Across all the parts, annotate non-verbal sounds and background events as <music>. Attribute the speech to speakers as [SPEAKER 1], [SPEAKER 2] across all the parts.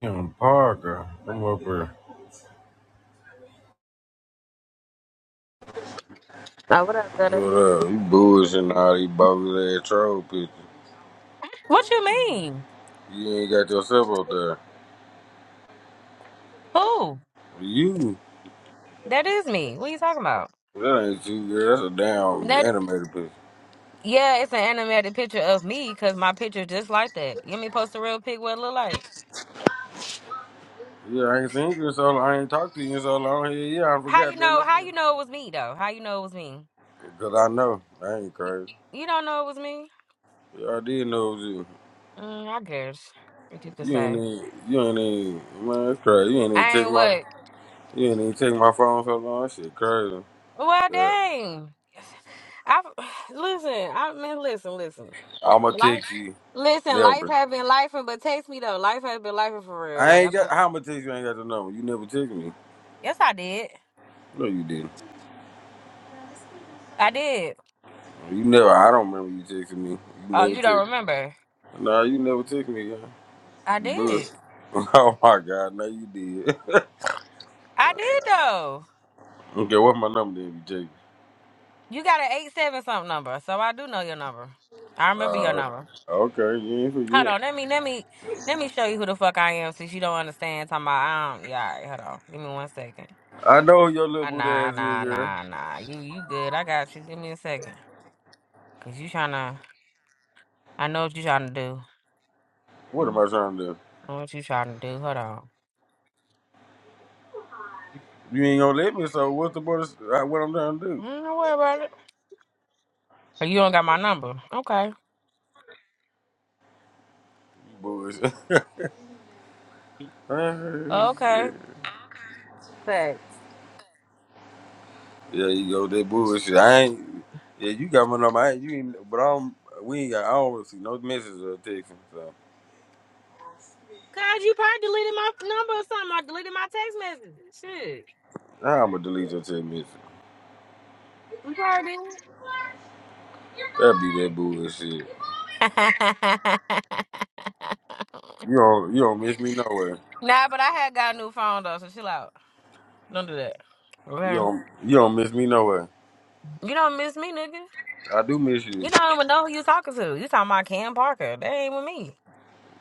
[SPEAKER 1] Damn, Parker, I'm up here.
[SPEAKER 2] Nah, what up, better?
[SPEAKER 1] What up? You bullshitting all these bogus ass troll pictures.
[SPEAKER 2] What you mean?
[SPEAKER 1] You ain't got yourself up there.
[SPEAKER 2] Who?
[SPEAKER 1] You?
[SPEAKER 2] That is me. What are you talking about?
[SPEAKER 1] That ain't you, girl. That's a damn
[SPEAKER 2] That
[SPEAKER 1] animated picture.
[SPEAKER 2] yeah, it's an animated picture of me because my picture just like that. You want me to post a real pic what it look like?
[SPEAKER 1] Yeah, I ain't seen you in so long. I ain't talked to you in so long. Yeah, yeah, I
[SPEAKER 2] How you
[SPEAKER 1] forgot that.
[SPEAKER 2] know? How you
[SPEAKER 1] nothing.
[SPEAKER 2] know it was me though? How you know it was me?
[SPEAKER 1] Cause I know. I ain't
[SPEAKER 2] You
[SPEAKER 1] crazy.
[SPEAKER 2] you don't know it was me?
[SPEAKER 1] Yeah, I did know it was you.
[SPEAKER 2] Mm, I guess what you could
[SPEAKER 1] You ain't
[SPEAKER 2] say.
[SPEAKER 1] even, you ain't even, man, that's crazy. You ain't even
[SPEAKER 2] I
[SPEAKER 1] take
[SPEAKER 2] ain't
[SPEAKER 1] my,
[SPEAKER 2] what?
[SPEAKER 1] you ain't even take my phone so long. That shit crazy.
[SPEAKER 2] Well,
[SPEAKER 1] Yeah.
[SPEAKER 2] dang. I <sighs> listen. I mean, listen, listen.
[SPEAKER 1] I'ma
[SPEAKER 2] Life,
[SPEAKER 1] text you.
[SPEAKER 2] listen. Life
[SPEAKER 1] Never.
[SPEAKER 2] has been life, but text me though. Life has been life for real.
[SPEAKER 1] I
[SPEAKER 2] Like
[SPEAKER 1] ain't
[SPEAKER 2] I've been.
[SPEAKER 1] got how much text you ain't got the number. You never text me.
[SPEAKER 2] Yes, I did.
[SPEAKER 1] No, you didn't.
[SPEAKER 2] I did.
[SPEAKER 1] You never. I don't remember you texting me. You
[SPEAKER 2] Oh,
[SPEAKER 1] never
[SPEAKER 2] you don't
[SPEAKER 1] text.
[SPEAKER 2] remember?
[SPEAKER 1] Nah, you never text me. Yeah.
[SPEAKER 2] I
[SPEAKER 1] Good. <laughs>
[SPEAKER 2] did.
[SPEAKER 1] Oh my God, no, you did. <laughs>
[SPEAKER 2] I did though.
[SPEAKER 1] okay, what's my number then? You text.
[SPEAKER 2] You got an eight seven something number, so I do know your number. I
[SPEAKER 1] me?
[SPEAKER 2] remember your
[SPEAKER 1] Uh,
[SPEAKER 2] number.
[SPEAKER 1] okay, you ain't
[SPEAKER 2] Hold
[SPEAKER 1] forget.
[SPEAKER 2] on, let me let me let me show you who the fuck I am since you don't understand. Talking about I don't. Yeah, all right, hold on. Give me one second.
[SPEAKER 1] I know who your little
[SPEAKER 2] Ah,
[SPEAKER 1] booty
[SPEAKER 2] nah,
[SPEAKER 1] ass is,
[SPEAKER 2] nah,
[SPEAKER 1] girl.
[SPEAKER 2] nah, nah. You you good? I got you. Give me a second, cause you trying to. I know what you trying to do.
[SPEAKER 1] What am
[SPEAKER 2] Mm.
[SPEAKER 1] I trying to do?
[SPEAKER 2] I know what you trying to do. Hold on.
[SPEAKER 1] You ain't gonna let me. So what's the bonus? uh, What I'm trying to do?
[SPEAKER 2] Mm, Don't worry about it. Oh, You don't got my number. Okay.
[SPEAKER 1] You
[SPEAKER 2] Okay.
[SPEAKER 1] bullshit. <laughs>
[SPEAKER 2] Thanks.
[SPEAKER 1] Yeah, you go that bullshit. I ain't. Yeah, you got my number. I ain't, you ain't, but I don't. We ain't got. I don't see no messages or texting. So
[SPEAKER 2] Cause you probably deleted my number or something. I deleted my text messages. Shit.
[SPEAKER 1] now I'm gonna delete your text message.
[SPEAKER 2] You probably
[SPEAKER 1] that be that bullshit.
[SPEAKER 2] did.
[SPEAKER 1] You
[SPEAKER 2] <laughs>
[SPEAKER 1] don't. You don't miss me nowhere.
[SPEAKER 2] Nah, but I had got a new phone though, so chill out. Don't do that.
[SPEAKER 1] You
[SPEAKER 2] Okay.
[SPEAKER 1] don't. You don't miss me nowhere.
[SPEAKER 2] You don't miss me, nigga.
[SPEAKER 1] I do miss you.
[SPEAKER 2] You don't even know who you talking to. You talking about Cam Parker. That ain't with me.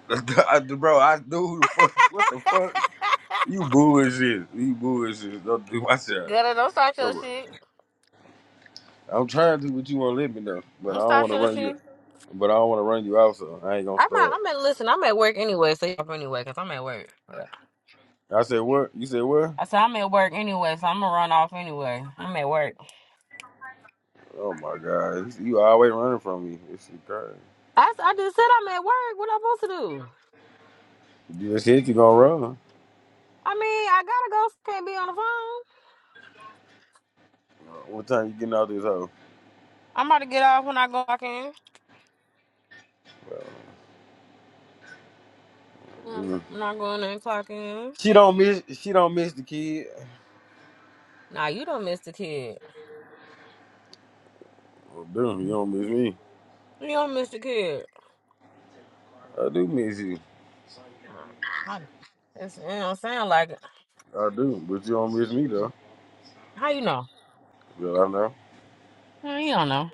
[SPEAKER 1] <laughs> I do- bro, I do. Who the fuck? What the fuck?
[SPEAKER 2] <laughs>
[SPEAKER 1] You bullshit. You bullshit. Don't do my shit.
[SPEAKER 2] Girl, don't start your
[SPEAKER 1] Come on.
[SPEAKER 2] shit.
[SPEAKER 1] I'm trying to, but you won't let me know. But I
[SPEAKER 2] Don't
[SPEAKER 1] don't
[SPEAKER 2] start
[SPEAKER 1] want to
[SPEAKER 2] your
[SPEAKER 1] run you.
[SPEAKER 2] shit.
[SPEAKER 1] But I don't want to run you out, so I ain't gonna
[SPEAKER 2] I'm at,
[SPEAKER 1] start.
[SPEAKER 2] I'm at, listen, I'm at work anyway, so you up anyway, because I'm at work. I
[SPEAKER 1] I said what? You said what?
[SPEAKER 2] said I'm at work anyway, so I'm going to run off anyway. I'm at work.
[SPEAKER 1] Oh my God, you always running from me. This shit crazy.
[SPEAKER 2] I, s- I just said I'm at work. What am I supposed to do?
[SPEAKER 1] You just hit, you gonna run.
[SPEAKER 2] I mean, I gotta go. Can't be on the phone.
[SPEAKER 1] Uh, What time you getting out this hoe?
[SPEAKER 2] I'm about to get off when I go clock in.
[SPEAKER 1] Well,
[SPEAKER 2] Yeah.
[SPEAKER 1] mm.
[SPEAKER 2] I'm not going in and clock in.
[SPEAKER 1] She don't miss. She don't miss the kid.
[SPEAKER 2] Nah, you don't miss the kid.
[SPEAKER 1] Well, dude, you don't miss me.
[SPEAKER 2] You don't miss the kid.
[SPEAKER 1] I do miss you.
[SPEAKER 2] I, that's, it don't sound like it.
[SPEAKER 1] I do, but you don't miss me though.
[SPEAKER 2] How you know?
[SPEAKER 1] Well, I know.
[SPEAKER 2] Mm, You don't know.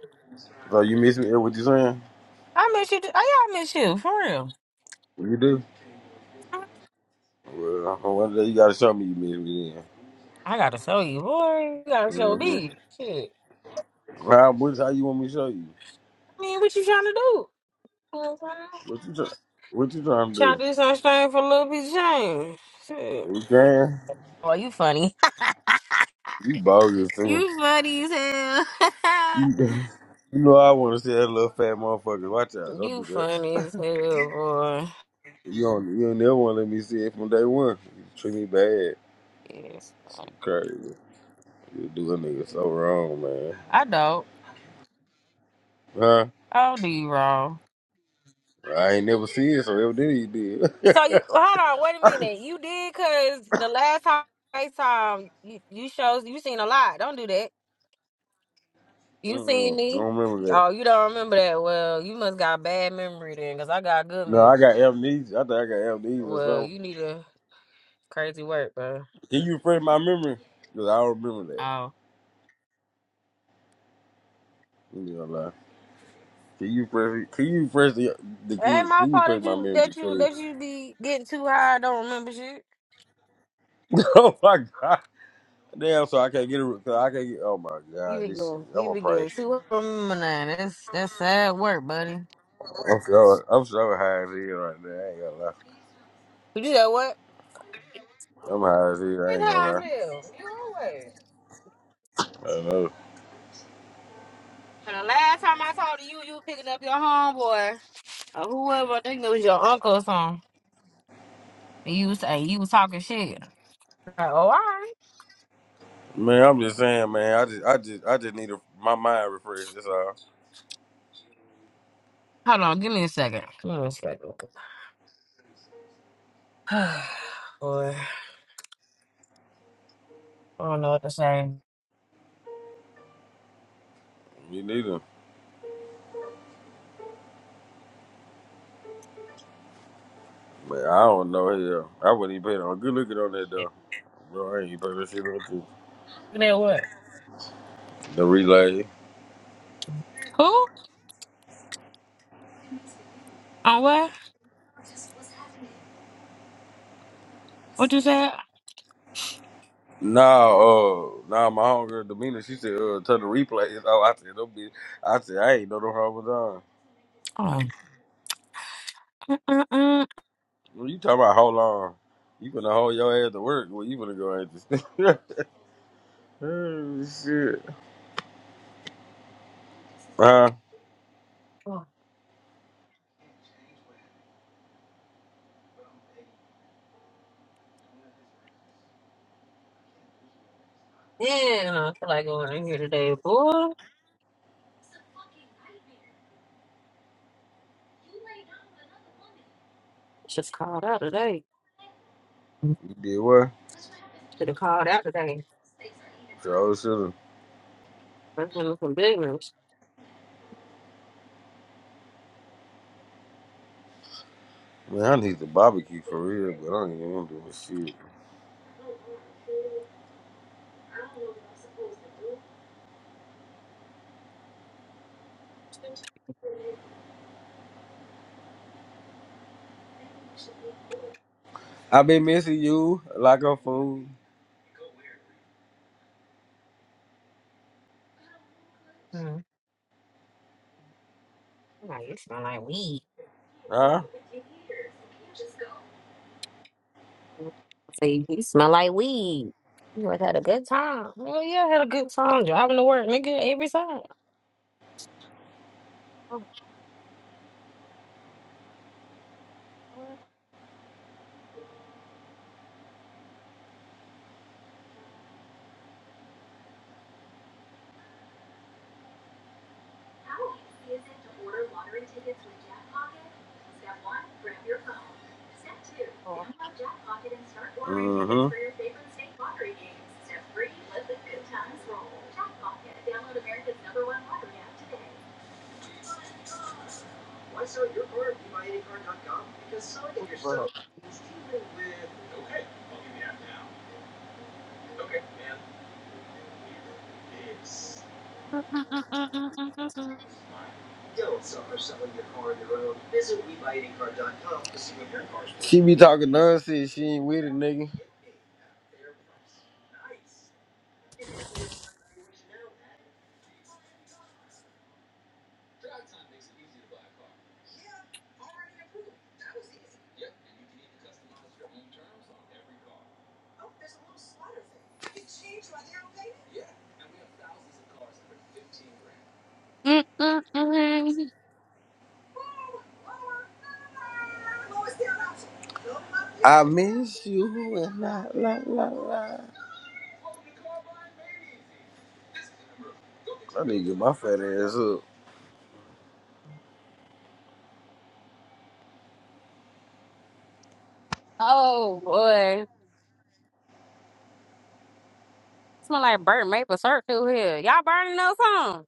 [SPEAKER 1] So you miss me? eh, What you saying?
[SPEAKER 2] I miss you. too. Oh, yeah, I miss you. For real.
[SPEAKER 1] What You do. Well, one day you gotta show me you miss me then.
[SPEAKER 2] I gotta show you, boy. You gotta show me.
[SPEAKER 1] Mm-hmm.
[SPEAKER 2] Shit.
[SPEAKER 1] How, what, how you want me to show you?
[SPEAKER 2] I mean, what you trying to do? You know what I'm saying?
[SPEAKER 1] What you try, What you trying to
[SPEAKER 2] Trying
[SPEAKER 1] do?
[SPEAKER 2] to do something for a little piece of change. Shit.
[SPEAKER 1] We can.
[SPEAKER 2] Boy, you funny.
[SPEAKER 1] You bogus too.
[SPEAKER 2] You funny as hell.
[SPEAKER 1] You know I want to see that little fat motherfucker. Watch out!
[SPEAKER 2] <laughs>
[SPEAKER 1] Don't
[SPEAKER 2] you
[SPEAKER 1] do that.
[SPEAKER 2] funny as hell, boy.
[SPEAKER 1] You don't. You don't never want to let me see it from day one. You treat me bad.
[SPEAKER 2] Yes.
[SPEAKER 1] Shit crazy. You do a nigga so wrong, man.
[SPEAKER 2] I don't.
[SPEAKER 1] Huh?
[SPEAKER 2] I don't do you wrong.
[SPEAKER 1] I ain't never seen it, so evidently you did. <laughs>
[SPEAKER 2] So you hold on, wait a minute. You did cause the last time FaceTime you, you shows you seen a lot. Don't do that. You seen
[SPEAKER 1] Mm-mm. I
[SPEAKER 2] me.
[SPEAKER 1] don't remember that.
[SPEAKER 2] Oh, you don't remember that. Well, you must got bad memory then, cause I got good
[SPEAKER 1] No, I
[SPEAKER 2] memory.
[SPEAKER 1] got amnesia. I think I got amnesia or
[SPEAKER 2] Well,
[SPEAKER 1] something.
[SPEAKER 2] you need a crazy work, bro.
[SPEAKER 1] Can you refresh my memory? Cause I don't remember that.
[SPEAKER 2] Oh.
[SPEAKER 1] You know, lie. Can you refresh? Can you refresh the the
[SPEAKER 2] It ain't
[SPEAKER 1] kid?
[SPEAKER 2] my
[SPEAKER 1] Can you
[SPEAKER 2] fault
[SPEAKER 1] refresh
[SPEAKER 2] that
[SPEAKER 1] my
[SPEAKER 2] you
[SPEAKER 1] memory,
[SPEAKER 2] that you that
[SPEAKER 1] please?
[SPEAKER 2] you be getting too high and don't remember shit.
[SPEAKER 1] <laughs> oh my god! Damn, so I can't get a. so I can't get. Oh my
[SPEAKER 2] You
[SPEAKER 1] god,
[SPEAKER 2] be
[SPEAKER 1] this shit.
[SPEAKER 2] good.
[SPEAKER 1] I'm
[SPEAKER 2] You
[SPEAKER 1] gonna
[SPEAKER 2] be
[SPEAKER 1] pray.
[SPEAKER 2] good. See
[SPEAKER 1] I'm
[SPEAKER 2] from nine. That's that's sad work, buddy.
[SPEAKER 1] so I'm so high as hell right now. I ain't gonna lie.
[SPEAKER 2] But you know what?
[SPEAKER 1] I'm high as hell. I
[SPEAKER 2] It's
[SPEAKER 1] ain't gonna
[SPEAKER 2] how I
[SPEAKER 1] lie.
[SPEAKER 2] feel. You always.
[SPEAKER 1] I know.
[SPEAKER 2] And the last time I talked to you, you were picking up your homeboy or whoever. I think it was your uncle or something. And you was and you was talking shit. Like, oh, all right.
[SPEAKER 1] Man, I'm just saying, man. I just, I just, I just need a, my mind refreshed. That's all.
[SPEAKER 2] Hold on. Give me a second. Give me a second. <sighs> Boy, I don't know what to say.
[SPEAKER 1] You need them. Man, I don't know hell. I wouldn't even pay on. Good looking on that though. Bro, I ain't even pay that shit on too.
[SPEAKER 2] Looking at what?
[SPEAKER 1] The relay.
[SPEAKER 2] Who? On what? What you said?
[SPEAKER 1] Nah, uh, nah. My homegirl Domina, she said, uh, turn the replay. <laughs> Oh, I said, don't be. I said, I ain't know no harm was on.
[SPEAKER 2] Hold on. Mm-mm-mm.
[SPEAKER 1] Well, you talking about how long? You gonna hold your ass to work? Well, you gonna go at this? <laughs> huh?
[SPEAKER 2] Yeah, I feel like going in here today, boy. Just called out today. Should
[SPEAKER 1] You did what?
[SPEAKER 2] have called out today.
[SPEAKER 1] So should
[SPEAKER 2] First one was some big ones.
[SPEAKER 1] Man, I need the barbecue for real, but I don't even want to do this shit. i been missing you like a fool.
[SPEAKER 2] Hmm. I'm like, you smell like weed.
[SPEAKER 1] Huh?
[SPEAKER 2] I say, you smell like weed. You must had a good time. Well, yeah, I had a good time driving to work, nigga, every time. Oh,
[SPEAKER 1] Mm-hmm.
[SPEAKER 2] what? Oh,
[SPEAKER 1] Don't suffer selling your car on your own. Visit we buy any car dot com to see what your car's worth. She be talking nonsense. She ain't with it, nigga.
[SPEAKER 2] boy. <laughs>
[SPEAKER 1] I miss you and la la la la. I need to get my fat ass up.
[SPEAKER 2] Oh, boy. Smell like burnt maple syrup through here. Y'all burning those on?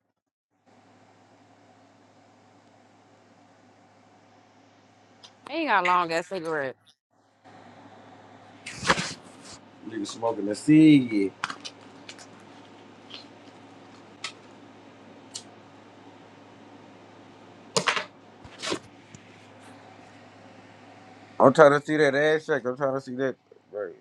[SPEAKER 2] Ain't got long ass cigarette.
[SPEAKER 1] Nigga smoking a cig. I'm trying to see that ass shake. I'm trying to see that. right.